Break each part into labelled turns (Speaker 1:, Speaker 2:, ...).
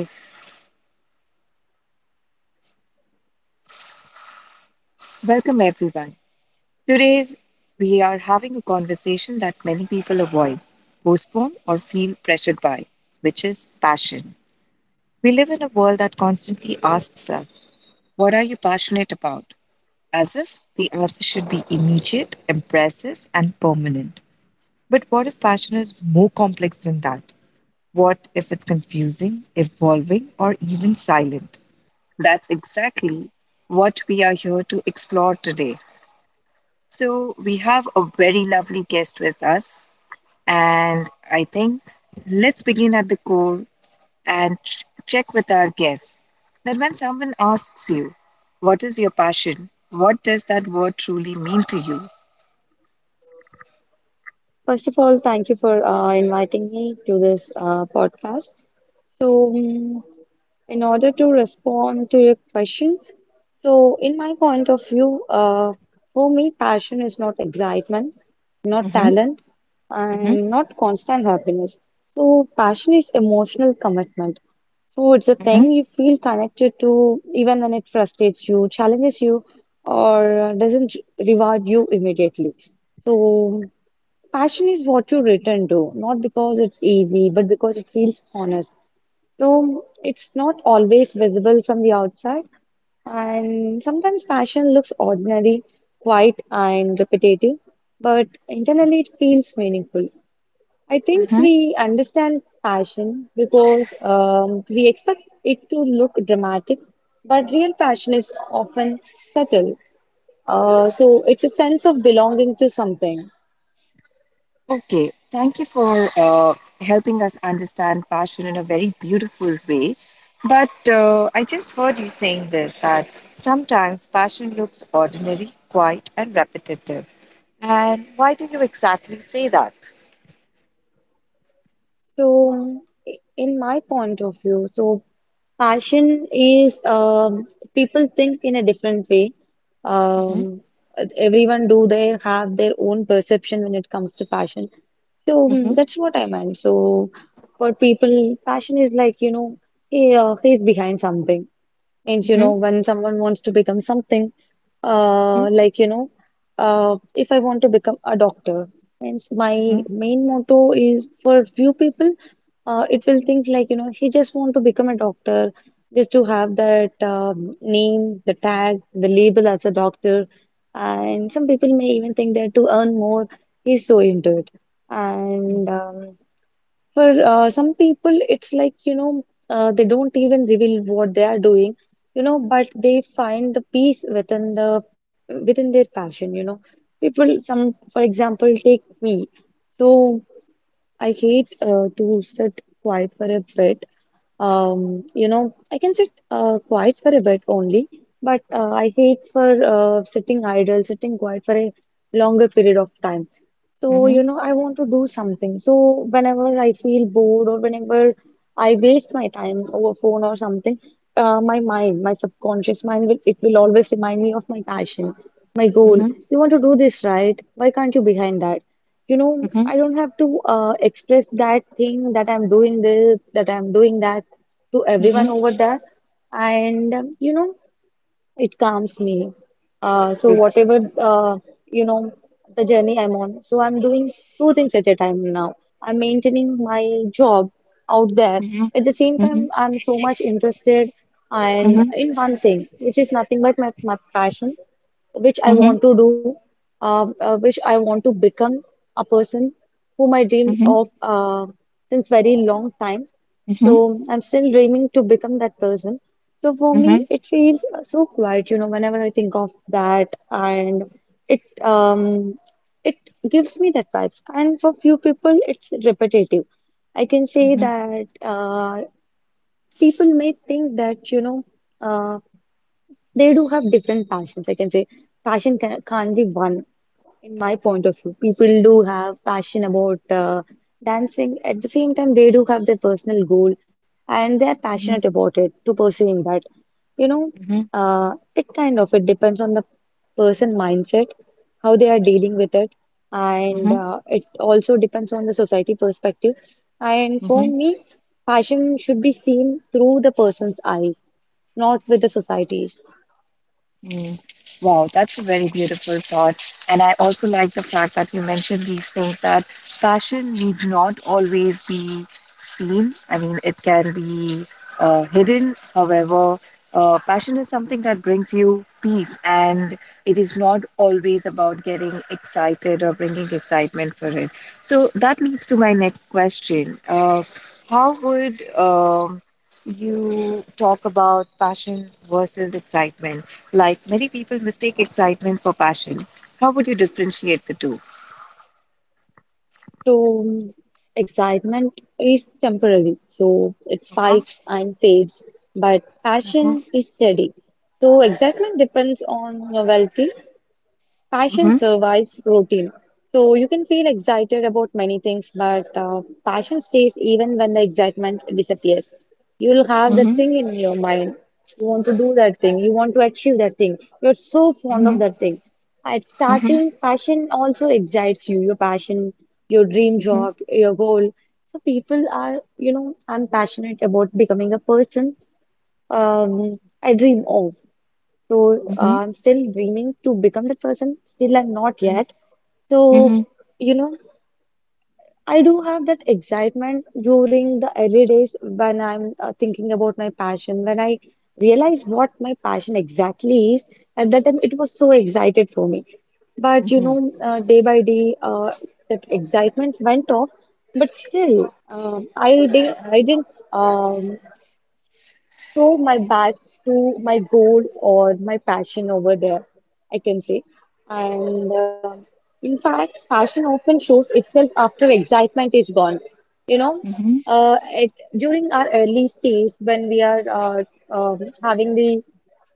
Speaker 1: Okay, welcome everyone. Today's we are having a conversation that many people avoid, postpone, or feel pressured by, which is passion. We live in a world that constantly asks us, what are you passionate about? As if the answer should be immediate, impressive, and permanent. But what if passion is more complex than that? What if it's confusing, evolving, or even silent? That's exactly what we are here to explore today. So, we have a very lovely guest with us, and I think let's begin at the core and check with our guests that when someone asks you, what is your passion? What does that word truly mean to you?
Speaker 2: First of all, thank you for inviting me to this podcast. So, um, in order to respond to your question, in my point of view, for me, passion is not excitement, not
Speaker 1: Mm-hmm,
Speaker 2: talent,
Speaker 1: mm-hmm,
Speaker 2: and not constant happiness. So, passion is emotional commitment. So, it's a
Speaker 1: mm-hmm.
Speaker 2: thing you feel connected to even when it frustrates you, challenges you, or doesn't reward you immediately. So, passion is what you return to, not because it's easy, but because it feels honest. So it's not always visible from the outside. And sometimes passion looks ordinary, quiet, and repetitive, but internally it feels meaningful. I think we understand passion because we expect it to look dramatic, but real passion is often subtle. So it's a sense of belonging to something.
Speaker 1: Okay, thank you for helping us understand passion in a very beautiful way. But I just heard you saying this that sometimes passion looks ordinary, quiet, and repetitive. And why do you exactly say that?
Speaker 2: So, in my point of view, passion is, people think in a different way.
Speaker 1: Mm-hmm,
Speaker 2: Um, Everyone, do they have their own perception when it comes to passion? So
Speaker 1: mm-hmm,
Speaker 2: that's what I meant. So for people, passion is, like, you know, he's behind something, means, you
Speaker 1: mm-hmm,
Speaker 2: know, when someone wants to become something, like, you know, if I want to become a doctor, means my
Speaker 1: mm-hmm,
Speaker 2: main motto is for few people, it will think like, you know, he just want to become a doctor just to have that name, the tag, the label as a doctor, and some people may even think that to earn more, he's so into it. And for some people, it's like, you know, they don't even reveal what they are doing, you know, but they find the peace within the within their passion, you know. People, some, for example, take me. So I hate to sit quiet for a bit. You know, I can sit quiet for a bit only, but I hate for sitting idle, sitting quiet for a longer period of time. So,
Speaker 1: mm-hmm,
Speaker 2: you know, I want to do something. So, whenever I feel bored or whenever I waste my time over phone or something, my mind, my subconscious mind will, it will always remind me of my passion, my goal.
Speaker 1: mm-hmm,
Speaker 2: You want to do this, right? Why can't you behind that? You know,
Speaker 1: mm-hmm,
Speaker 2: I don't have to express that thing, that I'm doing this, that I'm doing that to everyone
Speaker 1: mm-hmm.
Speaker 2: over there. And you know, it calms me. So whatever,
Speaker 1: Okay.
Speaker 2: you know, the journey I'm on. So I'm doing two things at a time now. I'm maintaining my job out there.
Speaker 1: Mm-hmm,
Speaker 2: At the same time,
Speaker 1: mm-hmm,
Speaker 2: I'm so much interested, and
Speaker 1: mm-hmm,
Speaker 2: in one thing, which is nothing but my passion, which I
Speaker 1: mm-hmm,
Speaker 2: want to do, which I want to become a person whom I dream
Speaker 1: mm-hmm,
Speaker 2: of since very long time.
Speaker 1: mm-hmm,
Speaker 2: So I'm still dreaming to become that person. So for me,
Speaker 1: mm-hmm,
Speaker 2: it feels so quiet, you know, whenever I think of that, and it um it gives me that vibes. And for few people, it's repetitive. I can say
Speaker 1: mm-hmm,
Speaker 2: that, people may think that, you know, uh, they do have different passions. I can say passion can't be one. In my point of view, people do have passion about dancing. At the same time, they do have their personal goal, and they are passionate about it, to pursuing that. You know,
Speaker 1: mm-hmm,
Speaker 2: it kind of it depends on the person mindset, how they are dealing with it, and it also depends on the society perspective. And
Speaker 1: mm-hmm.
Speaker 2: for me, passion should be seen through the person's eyes, not with the society's.
Speaker 1: Mm. Wow, that's a very beautiful thought. And I also like the fact that you mentioned these things, that fashion need not always be seen. I mean, it can be hidden. However, passion is something that brings you peace, and it is not always about getting excited or bringing excitement for it. So that leads to my next question. How would you talk about passion versus excitement. Like many people mistake excitement for passion. How would you differentiate the two?
Speaker 2: So, excitement is temporary, so it
Speaker 1: Uh-huh.
Speaker 2: spikes and fades, but
Speaker 1: Uh-huh.
Speaker 2: passion is steady. So, excitement depends on novelty, passion
Speaker 1: Uh-huh.
Speaker 2: survives routine. So you can feel excited about many things, but passion stays even when the excitement disappears. You'll have that
Speaker 1: Uh-huh.
Speaker 2: thing in your mind. You want to do that thing. You want to achieve that thing. You're so fond of that thing. At
Speaker 1: Uh-huh. Uh-huh.
Speaker 2: starting, passion also excites you. Your passion, your dream
Speaker 1: Uh-huh.
Speaker 2: job, your goal. So people are, you know, I'm passionate about becoming a person I dream of. So
Speaker 1: Uh-huh.
Speaker 2: I'm still dreaming to become that person. Still, I'm not yet.
Speaker 1: Uh-huh. Uh-huh.
Speaker 2: So, you know, I do have that excitement during the early days when I'm thinking about my passion. When I realize what my passion exactly is, at that time it was so excited for me. But you
Speaker 1: Uh-huh.
Speaker 2: know, day by day, that excitement went off. But still, I didn't, Um, throw my back to my goal or my passion over there, I can say. And in fact, passion often shows itself after excitement is gone. You know,
Speaker 1: Uh-huh.
Speaker 2: uh, it, during our early stage, when we are having the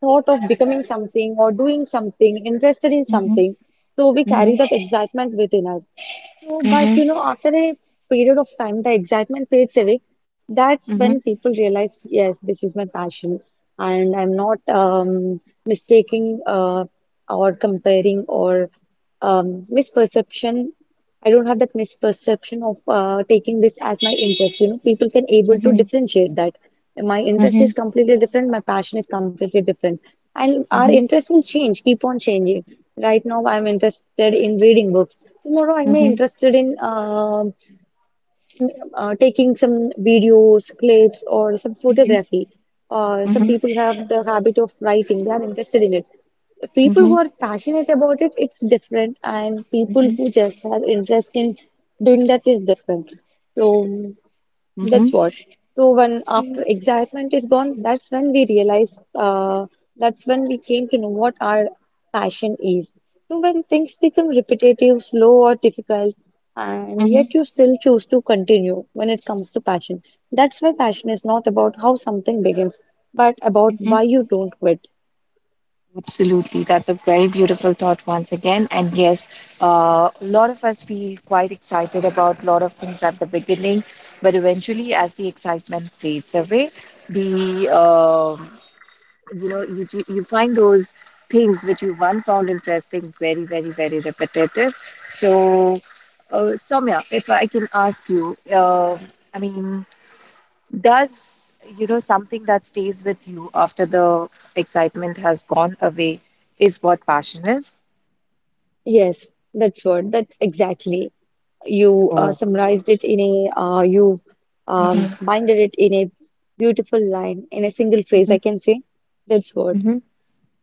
Speaker 2: thought of becoming something or doing something, interested in
Speaker 1: Uh-huh.
Speaker 2: something, so we
Speaker 1: Uh-huh. Uh-huh.
Speaker 2: carry that excitement within us. So,
Speaker 1: Uh-huh. Uh-huh. Uh-huh. Uh-huh.
Speaker 2: but
Speaker 1: Uh-huh.
Speaker 2: you know, after a period of time, the excitement fades away. That's when people realize, yes, this is my passion, and I'm not mistaking or comparing or, misperception. I don't have that misperception of taking this as my interest. You know, people can able to differentiate that. My interest is completely different. My passion is completely different. And our interest will change, keep on changing. Right now, I'm interested in reading books. Tomorrow, I may interested in taking some videos, clips, or some photography. Some people have the habit of writing; they are interested in it. People who are passionate about it, it's different, and people
Speaker 1: Uh-huh.
Speaker 2: who just have interest in doing that is different. So.
Speaker 1: Uh-huh.
Speaker 2: That's
Speaker 1: Uh-huh.
Speaker 2: what. So when
Speaker 1: So,
Speaker 2: after excitement is gone, that's when we realize, that's when we came to know what our passion is. So when things become repetitive, slow or difficult, and
Speaker 1: uh-huh.
Speaker 2: yet you still choose to continue when it comes to passion. That's why passion is not about how something begins, but about why you don't quit.
Speaker 1: Absolutely. That's a very beautiful thought once again. And yes, a lot of us feel quite excited about a lot of things at the beginning, but eventually, as the excitement fades away, the you know you find those things which you once found interesting very, very, very repetitive. So, Soumya, if I can ask you, I mean, does, you know, something that stays with you after the excitement has gone away is what passion is?
Speaker 2: Yes, that's what. That's exactly. You
Speaker 1: Oh.
Speaker 2: summarized it in a, you
Speaker 1: Mm-hmm.
Speaker 2: binded it in a beautiful line, in a single phrase, I can say. That's what.
Speaker 1: Mm-hmm.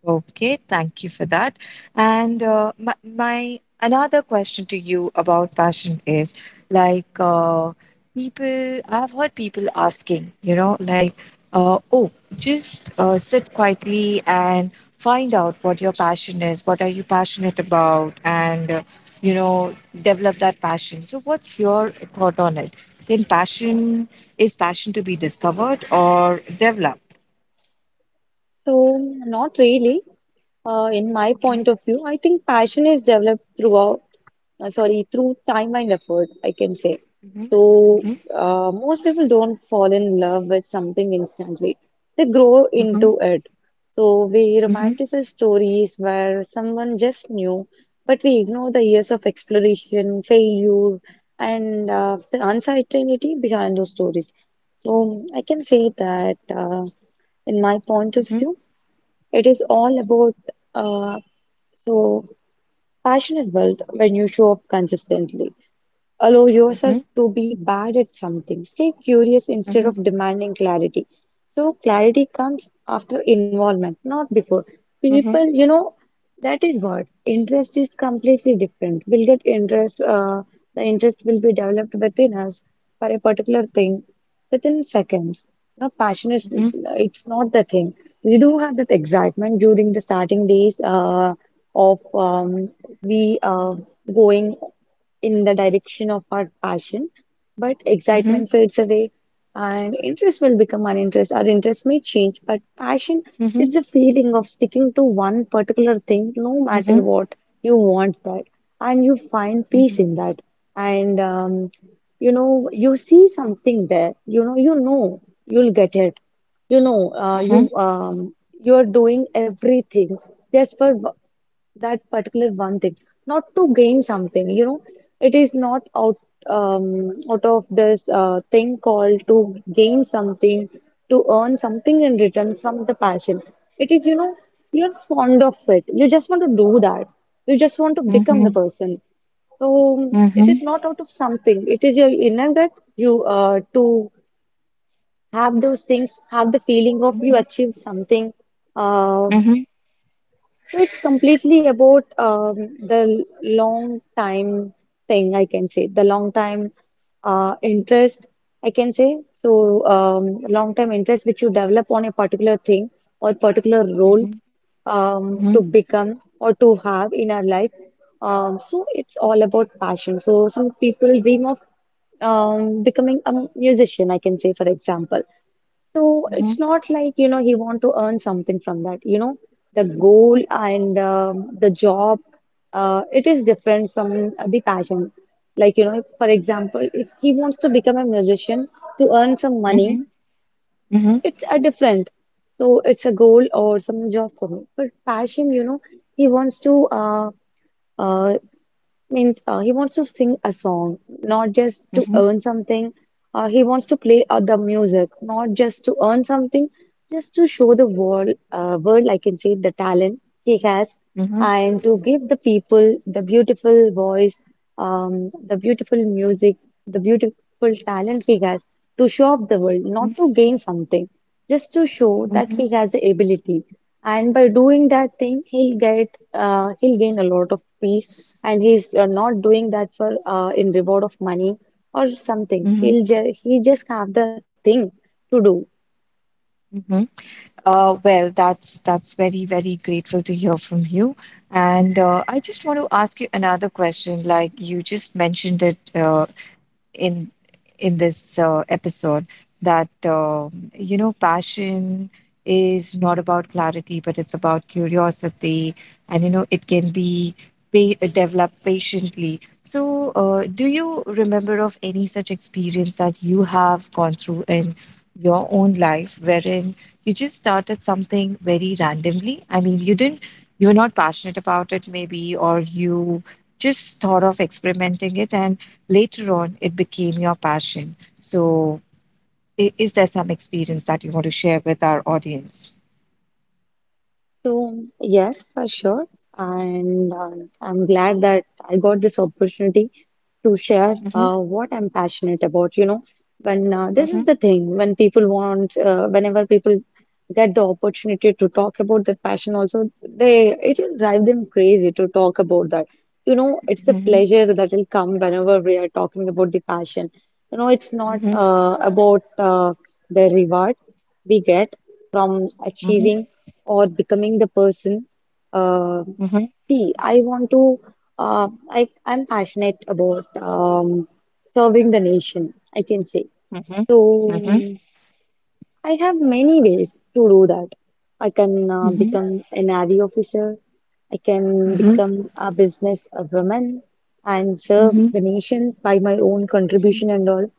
Speaker 1: Okay, thank you for that. And my another question to you about passion is like, people, I've heard people asking, you know, like, oh, just sit quietly and find out what your passion is, what are you passionate about, and you know, develop that passion. So, what's your thought on it? Then, passion is passion to be discovered or developed?
Speaker 2: So, not really. In my point of view, I think passion is developed throughout, sorry, through time and effort, I can say. So, most people don't fall in love with something instantly. They grow
Speaker 1: Hmm,
Speaker 2: into it. So, we
Speaker 1: hmm,
Speaker 2: romanticize stories where someone just knew, but we ignore the years of exploration, failure, and the uncertainty behind those stories. So, I can say that, in my point of
Speaker 1: hmm,
Speaker 2: view, it is all about, uh, so passion is built when you show up consistently. Allow yourself to be bad at something. Stay curious instead
Speaker 1: hmm.
Speaker 2: of demanding clarity. So, clarity comes after involvement, not before. People,
Speaker 1: Mhm,
Speaker 2: you know, that is what, interest is completely different. We'll get interest, the interest will be developed within us for a particular thing within seconds. You know, passion is,
Speaker 1: mhm,
Speaker 2: it's not the thing. We do have that excitement during the starting days, of we going in the direction of our passion, but
Speaker 1: mhm,
Speaker 2: excitement fades away, and interest will become uninterest. Our interest may change, but passion,
Speaker 1: mhm,
Speaker 2: it's a feeling of sticking to one particular thing, no
Speaker 1: mhm,
Speaker 2: matter what. You want that, and you find
Speaker 1: mhm,
Speaker 2: peace in that, and you know, you see something there, you know, you know you'll get it. You know,
Speaker 1: mhm,
Speaker 2: you are doing everything just for that particular one thing, not to gain something, you know. It is not out, um, out of this thing called to gain something, to earn something in return from the passion. It is, you know, you're fond of it, you just want to do that, you just want to
Speaker 1: mhm,
Speaker 2: become the
Speaker 1: mhm,
Speaker 2: person. So it
Speaker 1: mhm,
Speaker 2: is not out of something. It is your inner gut. You, to have those things, have the feeling of you
Speaker 1: mhm,
Speaker 2: achieved something. Uh,
Speaker 1: mhm,
Speaker 2: so it's completely about, the long time thing, I can say, the long time interest, I can say. So long time interest which you develop on a particular thing or particular role,
Speaker 1: mhm,
Speaker 2: to
Speaker 1: mhm,
Speaker 2: become or to have in our life. So it's all about passion. So some people dream of, becoming a musician, I can say, for example. So
Speaker 1: mhm,
Speaker 2: it's not like, you know, he want to earn something from that. You know, the goal and the job it is different from the passion, like you know, for example, if he wants to become a musician to earn some money,
Speaker 1: mhm, mhm, mhm,
Speaker 2: it's a different. So it's a goal or some job for him, but passion, you know, he wants to uh, means he wants to sing a song, not just to earn something. He wants to play the music, not just to earn something, just to show the world world, I can say, the talent he has,
Speaker 1: mhm,
Speaker 2: and to give the people the beautiful voice, the beautiful music, the beautiful talent he has, to show off the world, not to gain something, just to show that
Speaker 1: mhm,
Speaker 2: he has the ability. And by doing that thing, he'll get he'll gain a lot of peace, and he's not doing that for in reward of money or something.
Speaker 1: mhm,
Speaker 2: He just have the thing to do.
Speaker 1: mhm. Well, that's very, very grateful to hear from you. And I just want to ask you another question. Like you just mentioned it in in this episode that you know passion is not about clarity but it's about curiosity, and you know it can be developed patiently. So do you remember of any such experience that you have gone through in your own life wherein you just started something very randomly? I mean, you didn't, you were not passionate about it, maybe, or you just thought of experimenting it, and later on it became your passion. So is there some experience that you want to share with our audience?
Speaker 2: So, yes, for sure. And I'm glad that I got this opportunity to share what I'm passionate about. You know, when this is the thing, when people want whenever people get the opportunity to talk about their passion also, they it will drive them crazy to talk about that. You know, it's the
Speaker 1: Mm-hmm.
Speaker 2: pleasure that will come whenever we are talking about the passion. You know, it's not
Speaker 1: Mm-hmm.
Speaker 2: about the reward we get from
Speaker 1: Mm-hmm.
Speaker 2: achieving or becoming the person. uh,
Speaker 1: Mm-hmm.
Speaker 2: See, I want to I'm passionate about serving the nation, I can say.
Speaker 1: Mm-hmm.
Speaker 2: 祖
Speaker 1: Mm-hmm. Mm-hmm.
Speaker 2: I have many ways to do that. I can
Speaker 1: Mm-hmm.
Speaker 2: become a Navy officer, I can
Speaker 1: Mm-hmm.
Speaker 2: become a business a woman, and
Speaker 1: Mm-hmm.
Speaker 2: serve
Speaker 1: Mm-hmm.
Speaker 2: the nation by my own contribution and all.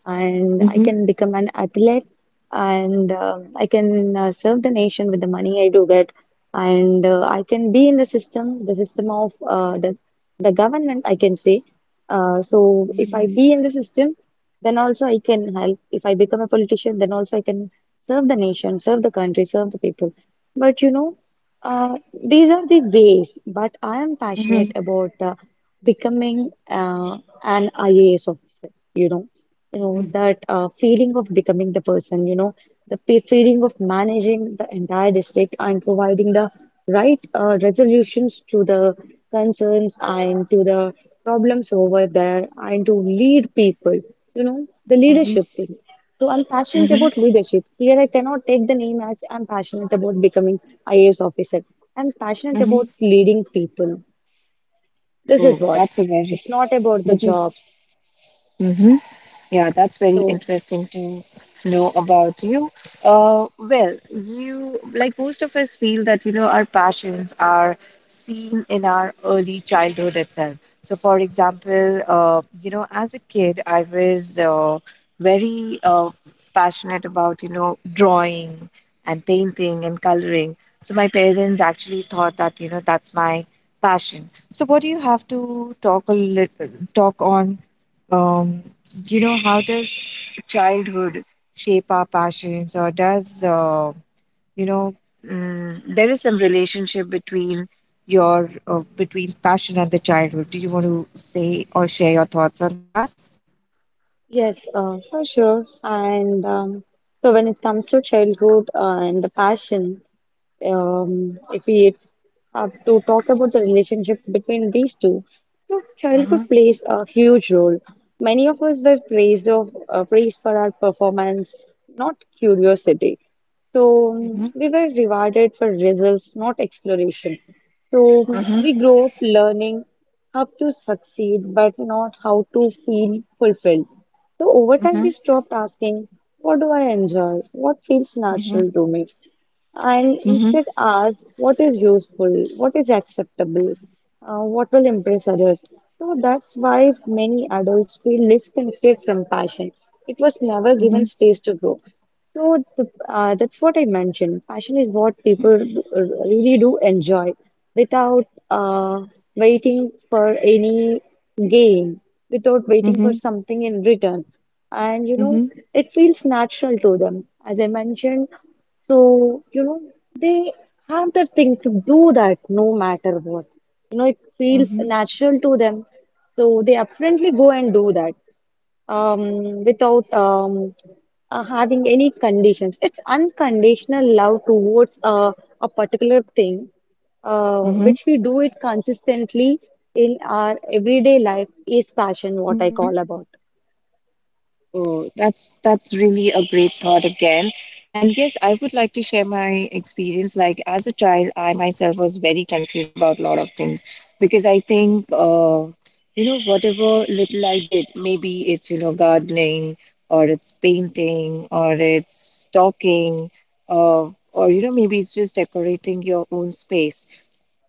Speaker 2: And I
Speaker 1: Mm-hmm.
Speaker 2: can become an athlete, and I can serve the nation with the money I do get. And I can be in the system of the government, I can say. So if
Speaker 1: Mm-hmm.
Speaker 2: I be in the system, then also I can help. If I become a politician, then also I can serve the nation, serve the country, serve the people. But you know, uh, these are the ways. But I am passionate about becoming an IAS officer. You know, you know that feeling of becoming the person. You know, feeling of managing the entire district and providing the write resolutions to the concerns and to the problems over there, and to lead people, you know, the leadership thing. So I'm passionate
Speaker 1: Mm-hmm.
Speaker 2: about leadership. Here I cannot take the name as I'm passionate about becoming IAS officer. I'm passionate
Speaker 1: Mm-hmm.
Speaker 2: about leading people. This is
Speaker 1: Oh,
Speaker 2: what.
Speaker 1: that's a very.
Speaker 2: It's not about the
Speaker 1: This
Speaker 2: job.
Speaker 1: is. Yeah, that's very
Speaker 2: So
Speaker 1: interesting to know about you. Well, you, like most of us, feel that you know our passions are seen in our early childhood itself. So, for example, you know, as a kid, I was very passionate about, you know, drawing and painting and coloring. So my parents actually thought that, you know, that's my passion. So, what do you have to talk a little talk on um, you know, how does childhood shape our passions? Or does, you know, mm, there is some relationship between your between passion and the childhood? Do you want to say or share your thoughts on that?
Speaker 2: yes, for sure. And So when it comes to childhood and the passion, if we have to talk about the relationship between these two, so childhood plays a huge role. Many of us were praised for our performance, not curiosity. So
Speaker 1: Mhm,
Speaker 2: we were rewarded for results, not exploration. So
Speaker 1: mhm,
Speaker 2: we grow up learning how to succeed, but not how to feel fulfilled. So over time, we
Speaker 1: mhm,
Speaker 2: stopped asking, "What do I enjoy? What feels
Speaker 1: mhm,
Speaker 2: natural to me?" and
Speaker 1: mhm,
Speaker 2: instead asked what is useful, what is acceptable, what will impress others. So that's why many adults feel disconnected from passion. It was never given
Speaker 1: mhm,
Speaker 2: space to grow. So that's what I mentioned. Passion is what people really do enjoy without waiting for any gain, without waiting for
Speaker 1: mhm,
Speaker 2: something in return. And you know,
Speaker 1: mhm,
Speaker 2: it feels natural to them. As I mentioned, so, you know, they have the thing to do that no matter what. You know, it feels
Speaker 1: mhm,
Speaker 2: natural to them. So they apparently go and do that without having any conditions. It's unconditional love towards a particular thing, uh,
Speaker 1: mhm,
Speaker 2: which we do it consistently in our everyday life is passion, what I
Speaker 1: mhm.
Speaker 2: call about.
Speaker 1: Oh, that's really a great thought again. And yes, I would like to share my experience. Like as a child, I myself was very confused about a lot of things, because I think, you know, whatever little I did, maybe it's, you know, gardening or it's painting or it's talking, or, you know, maybe it's just decorating your own space,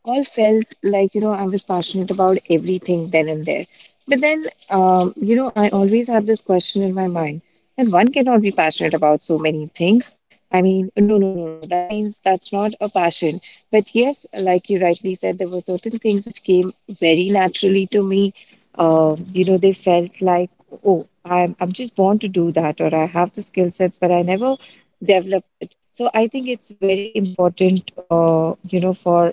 Speaker 1: all felt like, you know, I was passionate about everything then and there. But then you know, I always had this question in my mind, that one cannot be passionate about so many things. I mean, no, no, no, no, that means that's not a passion. But yes, like you rightly said, there were certain things which came very naturally to me. You know, they felt like, oh, I'm just born to do that, or I have the skill sets but I never developed it. So I think it's very important, you know, for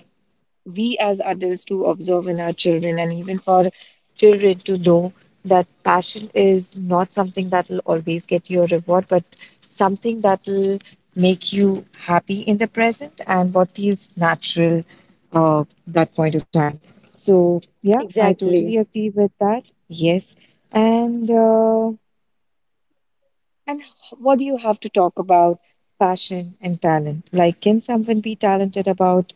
Speaker 1: we as adults to observe in our children, and even for children to know that passion is not something that will always get you a reward, but something that will make you happy in the present, and what feels natural that point of time. So yeah, I
Speaker 2: Exactly.
Speaker 1: totally agree with that. Yes, and what do you have to talk about passion and talent? Like, can someone be talented about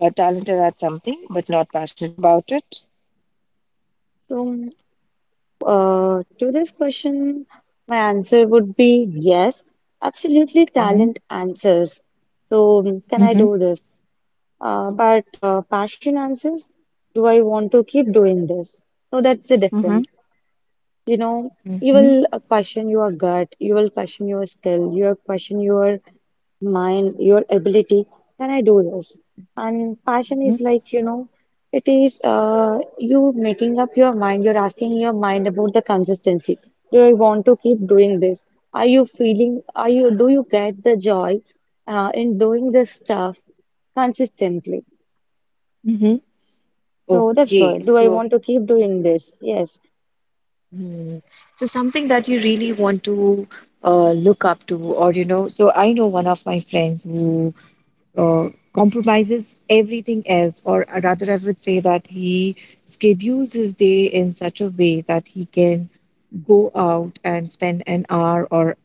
Speaker 1: talented at something but not passionate about it?
Speaker 2: So to this question, my answer would be yes, absolutely
Speaker 1: Mm-hmm.
Speaker 2: talent answers. So, mm, can I
Speaker 1: Mm-hmm.
Speaker 2: do this? But passion answers, do I want to keep doing this? So that's the
Speaker 1: Mm-hmm.
Speaker 2: difference. You know, you
Speaker 1: Mm-hmm.
Speaker 2: will question your gut, you will question your skill, you will question your mind, your ability. Can I do this? And passion
Speaker 1: Mm-hmm.
Speaker 2: is like, you know, it is you making up your mind, you're asking your mind about the consistency. Do I want to keep doing this? Are you feeling, are you, do you get the joy in doing this stuff consistently?
Speaker 1: Mm-hmm.
Speaker 2: So that's
Speaker 1: Okay,
Speaker 2: what, do I
Speaker 1: so
Speaker 2: want to keep doing this? Yes.
Speaker 1: hmm. So something that you really want to look up to, or you know, so I know one of my friends who uh, compromises everything else, or rather, I would say that he schedules his day in such a way that he can go out and spend an hour or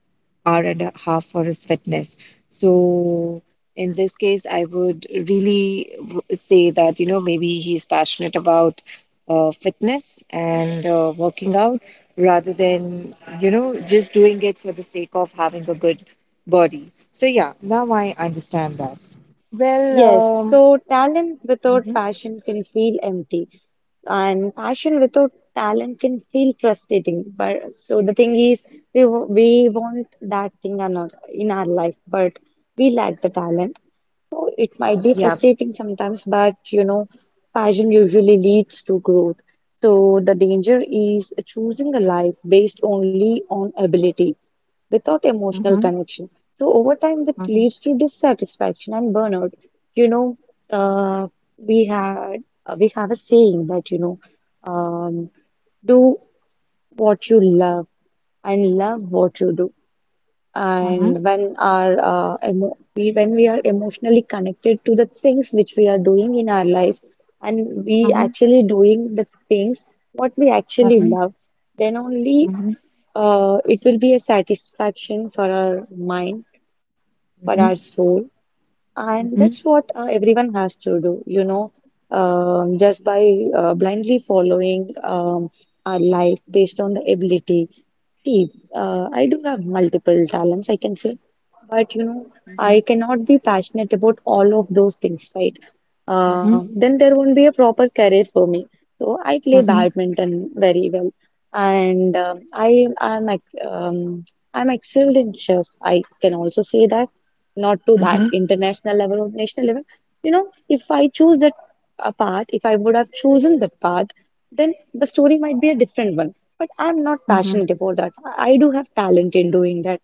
Speaker 1: hour and a half for his fitness. So, in this case, I would really say that, you know, maybe he's passionate about fitness and working out rather than, you know, just doing it for the sake of having a good body. So yeah, now I understand that. Well,
Speaker 2: Yes,
Speaker 1: um,
Speaker 2: so talent without
Speaker 1: mhm.
Speaker 2: passion can feel empty, and passion without talent can feel frustrating. But so the thing is, we want that thing or not in our life, but we lack the talent. So it might be
Speaker 1: Yeah.
Speaker 2: frustrating sometimes, but you know, passion usually leads to growth. So the danger is choosing a life based only on ability without emotional
Speaker 1: Mhm,
Speaker 2: connection. So over time, that
Speaker 1: mhm,
Speaker 2: leads to dissatisfaction and burnout. You know, uh, we have a saying that you know, um, do what you love and love what you do.
Speaker 1: mhm,
Speaker 2: And when our emo we when we are emotionally connected to the things which we are doing in our lives, and we
Speaker 1: mhm,
Speaker 2: actually doing the things what we actually
Speaker 1: mhm,
Speaker 2: love, then only
Speaker 1: mhm,
Speaker 2: it will be a satisfaction for our mind, for
Speaker 1: mhm,
Speaker 2: our
Speaker 1: mhm,
Speaker 2: soul. And
Speaker 1: mhm,
Speaker 2: that's what everyone has to do, you know, just by blindly following our life based on the ability. See, I do have multiple talents, I can say, but you know,
Speaker 1: mhm,
Speaker 2: I cannot be passionate about all of those things, right?
Speaker 1: mhm,
Speaker 2: Then there won't be a proper career for me. So I
Speaker 1: mhm,
Speaker 2: play
Speaker 1: mhm,
Speaker 2: badminton very well, and i am ex- um, I'm excelled in chess, I can also say that, not to that
Speaker 1: mhm,
Speaker 2: international level or national level. You know, if I choose that a path, if I would have chosen that path, then the story might be a different one, but I'm not
Speaker 1: mhm,
Speaker 2: passionate about that. I do have talent in doing that,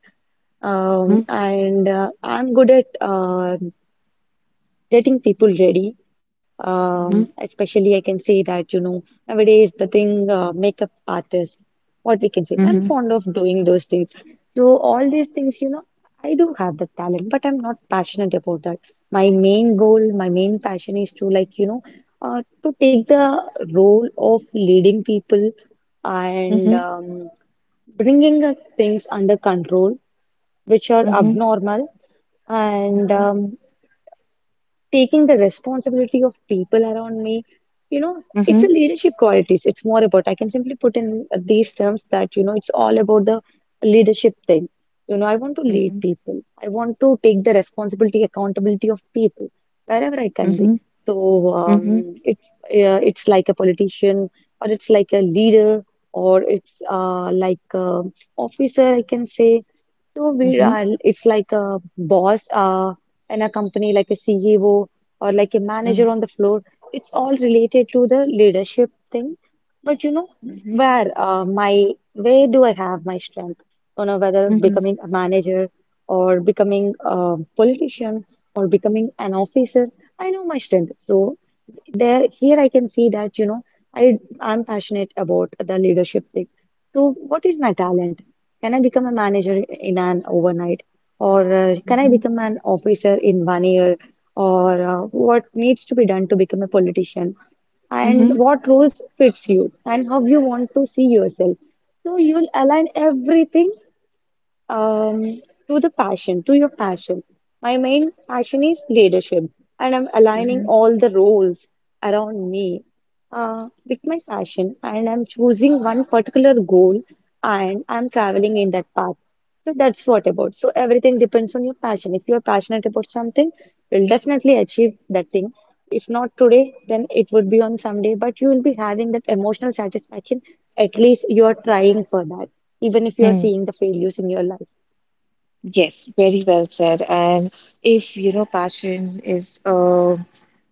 Speaker 1: mhm,
Speaker 2: um,
Speaker 1: mhm,
Speaker 2: and uh, I'm good at getting people ready. Especially, I can say that, you know, nowadays the thing, makeup artist, what we can say,
Speaker 1: mhm, mhm,
Speaker 2: I'm
Speaker 1: mhm,
Speaker 2: fond of doing those things. So, all these things, you know, I do have the talent, but I'm not passionate about that. My main goal, my main passion is to, like, you know, to take the role of leading people,
Speaker 1: mhm, mhm,
Speaker 2: and
Speaker 1: mhm,
Speaker 2: bringing things under control which are
Speaker 1: mhm, mhm, mhm, mhm, mhm,
Speaker 2: abnormal, and
Speaker 1: mhm,
Speaker 2: taking the responsibility of people around me. You know, it's
Speaker 1: mhm,
Speaker 2: a leadership qualities. It's more about, I can simply put in these terms that, you know, it's all about the leadership thing. You know, I want to lead people, I want to take the responsibility, accountability of people wherever I can be.
Speaker 1: mhm.
Speaker 2: So it's like a politician, or it's like a leader, or it's like a officer, I can say. So we are, it's like a boss. In a company, like a CEO, or like a manager on the floor. It's all related to the leadership thing. But you know, where do I have my strength? You know, whether becoming a manager, or becoming a politician, or becoming an officer, I know my strength. So there here I can see that, you know, I'm passionate about the leadership thing. So what is my talent? Can I become a manager in an overnight? Or can I become an officer in 1 year? Or what needs to be done to become a politician? And what roles fits you? And how you want to see yourself? So you'll align everything um, to the passion, to your passion. My main passion is leadership, and I'm aligning all the roles around me with my passion, and I'm choosing one particular goal, and I'm traveling in that path. So that's what about. So everything depends on your passion. If you're passionate about something, you'll definitely achieve that thing. If not today, then it would be on someday, but you will be having that emotional satisfaction. At least you're trying for that, even if you're seeing the failures in your life.
Speaker 1: Yes, very well said. And if, you know, passion uh,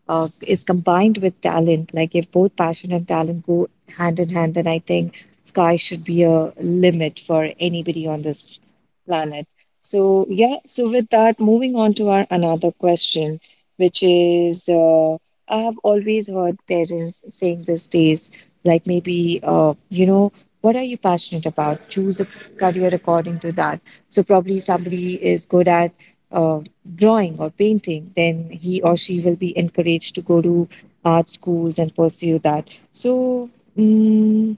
Speaker 1: uh, is combined with talent, like if both passion and talent go hand in hand, then I think sky should be a limit for anybody on this planet. So, yeah, so with that, moving on to our another question, which is, I have always heard parents saying these days, like maybe, you know, what are you passionate about? Choose a career according to that. So, probably somebody is good at uh, drawing or painting, then he or she will be encouraged to go to art schools and pursue that. So, mm,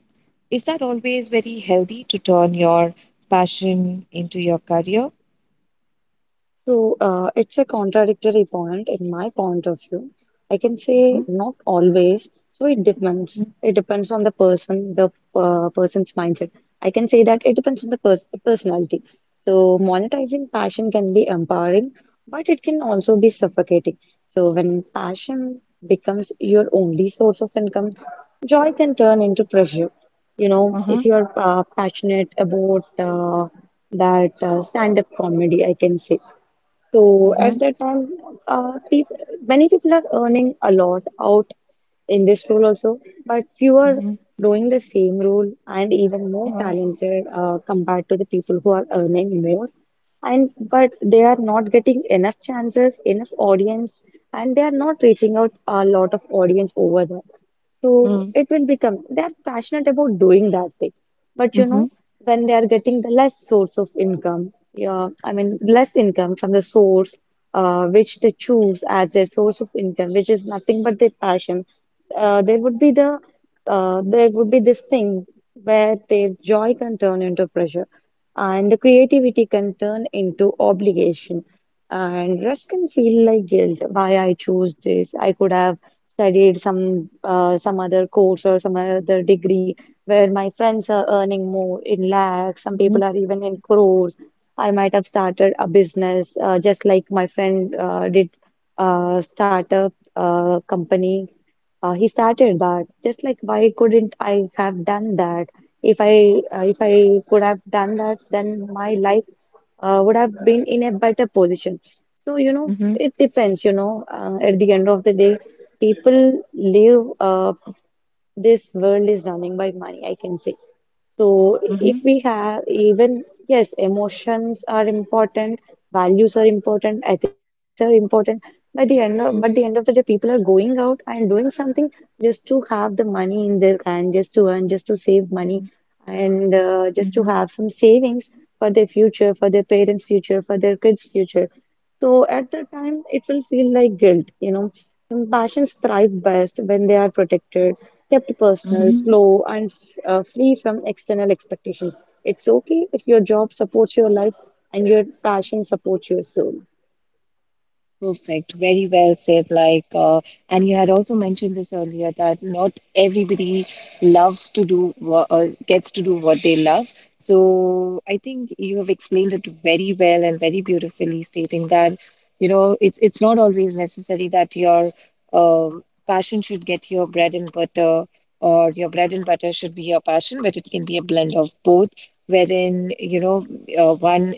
Speaker 1: is that always very healthy to turn your passion into your career?
Speaker 2: So it's a contradictory point in my point of view. I can say
Speaker 1: Mhm,
Speaker 2: not always. So it depends. It depends on the person, the person's mindset. I can say that it depends on the personality. So monetizing passion can be empowering, but it can also be suffocating. So when passion becomes your only source of income, joy can turn into pressure. You know, if
Speaker 1: mhm,
Speaker 2: you are passionate about that stand-up comedy, I can say. So at
Speaker 1: mhm,
Speaker 2: that time, people, many people are earning a lot out in this role also, but few are
Speaker 1: mhm,
Speaker 2: doing the same role and even more
Speaker 1: mhm,
Speaker 2: talented compared to the people who are earning more. And but they are not getting enough chances, enough audience, and they are not reaching out a lot of audience over there. So
Speaker 1: mhm,
Speaker 2: it will become they are passionate about doing that thing, but you
Speaker 1: mhm,
Speaker 2: know
Speaker 1: mhm,
Speaker 2: when they are getting the less source of income, yeah, I mean, less income from the source which they choose as their source of income, which is nothing but their passion. Uh, there would be the there would be this thing where their joy can turn into pressure, and the creativity can turn into obligation, and rest can feel like guilt. Why I chose this? I could have studied some other course or some other degree where my friends are earning more in lakhs. Some people are even in crores. I might have started a business, just like my friend did, start a company. He started that. Just like, why couldn't I have done that? If I if I could have done that, then my life would have been in a better position. So you know, it
Speaker 1: mhm,
Speaker 2: depends, you know, at the end of the day people live, this world is running by money, I can say. So if
Speaker 1: mhm,
Speaker 2: we have, even yes, emotions are important, values are important, ethics are important at the end of, but the end of the day, people are going out and doing something just to have the money in their hand, just to earn, just to save
Speaker 1: mhm,
Speaker 2: money, and just
Speaker 1: mhm,
Speaker 2: to have some savings for their future, for their parents' future, for their kids' future. So at that time, it will feel like guilt, you know. And passions thrive best when they are protected, kept personal,
Speaker 1: mhm.
Speaker 2: slow, and free from external expectations. It's okay if your job supports your life and your passion supports your soul.
Speaker 1: Perfect. Very well said. Like, and you had also mentioned this earlier, that not everybody loves to do what gets to do what they love. So I think you have explained it very well and very beautifully, stating that, you know, it's not always necessary that your passion should get your bread and butter, or your bread and butter should be your passion, but it can be a blend of both, wherein, you know, one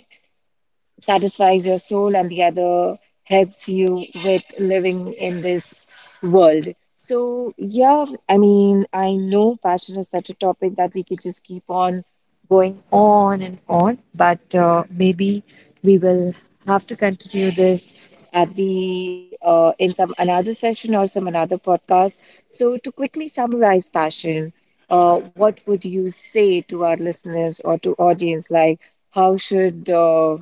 Speaker 1: satisfies your soul and the other helps you with living in this world. So, yeah, I mean, I know passion is such a topic that we could just keep on going on and on, but maybe we will have to continue this at the in some another session or some another podcast. So, to quickly summarize passion, what would you say to our listeners or to audience? Like, how should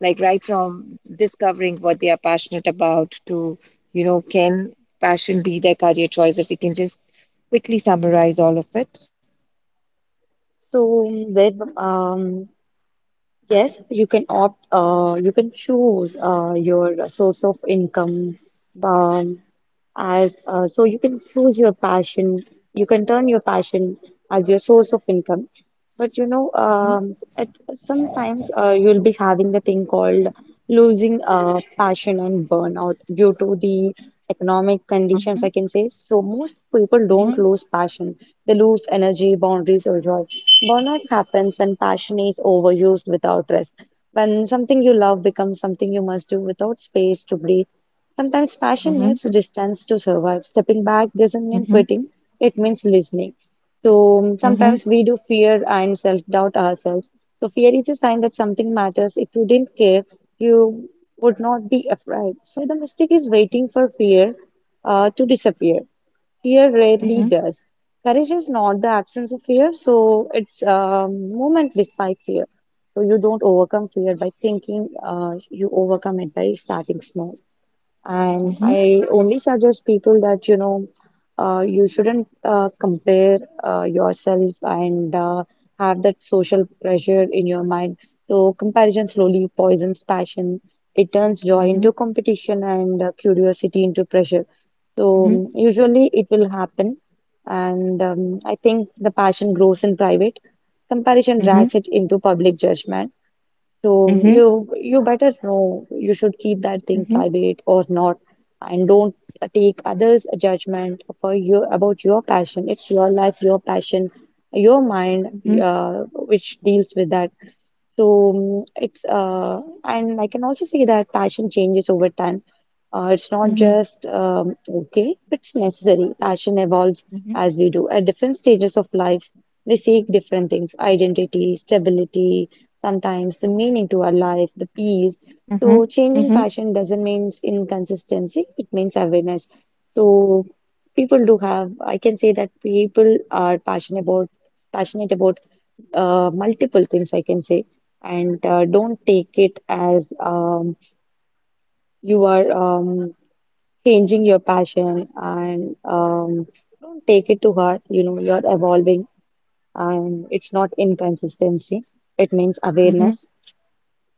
Speaker 1: like right from discovering what they are passionate about to, you know, can passion be their career choice, if we can just quickly summarize all of it?
Speaker 2: So then, um, yes, you can opt, you can choose your source of income, um, as so you can choose your passion. You can turn your passion as your source of income. But you know,
Speaker 1: Mm-hmm.
Speaker 2: at sometimes you'll be having the thing called losing passion and burnout due to the economic
Speaker 1: Mm-hmm.
Speaker 2: conditions, I can say. So most people
Speaker 1: Mm-hmm.
Speaker 2: don't lose passion; they lose energy, boundaries, or joy. Burnout happens when passion is overused without rest. When something you love becomes something you must do without space to breathe. Sometimes
Speaker 1: Mm-hmm.
Speaker 2: passion needs distance to survive. Stepping back doesn't mean
Speaker 1: Mm-hmm.
Speaker 2: quitting; it means listening.
Speaker 1: Mm-hmm.
Speaker 2: Sometimes we do fear and self-doubt ourselves. So fear is a sign that something matters. If you didn't care, you would not be afraid. So the mistake is waiting for fear to disappear. Fear
Speaker 1: Mm-hmm.
Speaker 2: rarely does. Courage is not the absence of fear, so it's movement despite fear. So you don't overcome fear by thinking, you overcome it by starting small. And
Speaker 1: Mm-hmm.
Speaker 2: I only suggest people that, you know, you shouldn't compare yourself and have that social pressure in your mind. So, comparison slowly poisons passion. It turns joy
Speaker 1: Mm-hmm.
Speaker 2: into competition and curiosity into pressure. So,
Speaker 1: Mm-hmm.
Speaker 2: usually it will happen. And I think the passion grows in private. Comparison drags it into public judgment.
Speaker 1: Mm-hmm.
Speaker 2: So
Speaker 1: Mm-hmm. Mm-hmm.
Speaker 2: you better know you should keep that thing
Speaker 1: Mm-hmm.
Speaker 2: private or not, and don't take others' judgment for you about your passion. It's your life, your passion, your mind,
Speaker 1: Mm-hmm.
Speaker 2: which deals with that. So mm, it's and I can also say that passion changes over time. It's not
Speaker 1: Mm-hmm.
Speaker 2: just Okay, it's necessary. Passion evolves
Speaker 1: Mm-hmm. Mm-hmm.
Speaker 2: as we do. At different stages of life, we seek different things: identity, stability, sometimes the meaning to our life, the peace.
Speaker 1: Mm-hmm.
Speaker 2: So changing passion doesn't mean inconsistency, it means awareness. So people do have, I can say that people are passionate about multiple things, I can say, and don't take it as you are, changing your passion, and don't take it to heart. You know, you're evolving, and it's not inconsistency, it means
Speaker 1: Mm-hmm.
Speaker 2: awareness.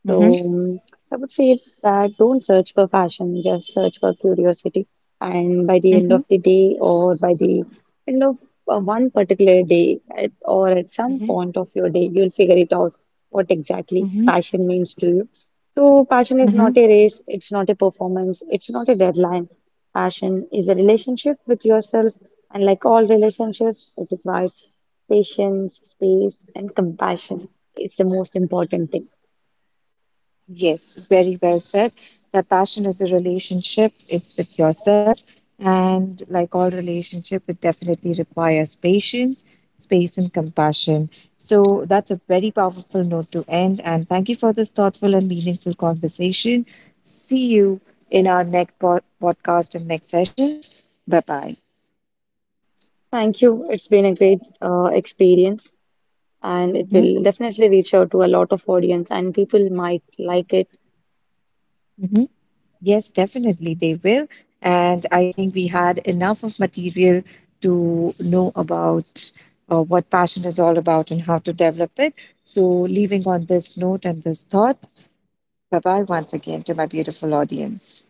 Speaker 2: So I would say that don't search for fashion, just search for curiosity. And by the end
Speaker 1: Mm-hmm.
Speaker 2: of the day, or by the end of one particular day, at, or at some point of your day, you'll figure it out what exactly
Speaker 1: Mm-hmm.
Speaker 2: passion means to you. So, passion is
Speaker 1: Mm-hmm.
Speaker 2: not a race, it's not a performance, it's not a deadline. Passion is a relationship with yourself, and like all relationships, it requires patience, space, and compassion. It's the most important thing.
Speaker 1: Yes, very well said. That passion is a relationship, it's with yourself. And like all relationship, it definitely requires patience, space, and compassion. So that's a very powerful note to end. And thank you for this thoughtful and meaningful conversation. See you in our next podcast and next sessions. Bye bye.
Speaker 2: Thank you. It's been a great experience, and it
Speaker 1: Hmm.
Speaker 2: will definitely reach out to a lot of audience, and people might like it.
Speaker 1: Yes, definitely they will. And I think we had enough of material to know about what passion is all about and how to develop it. So, leaving on this note and this thought, bye bye once again to my beautiful audience.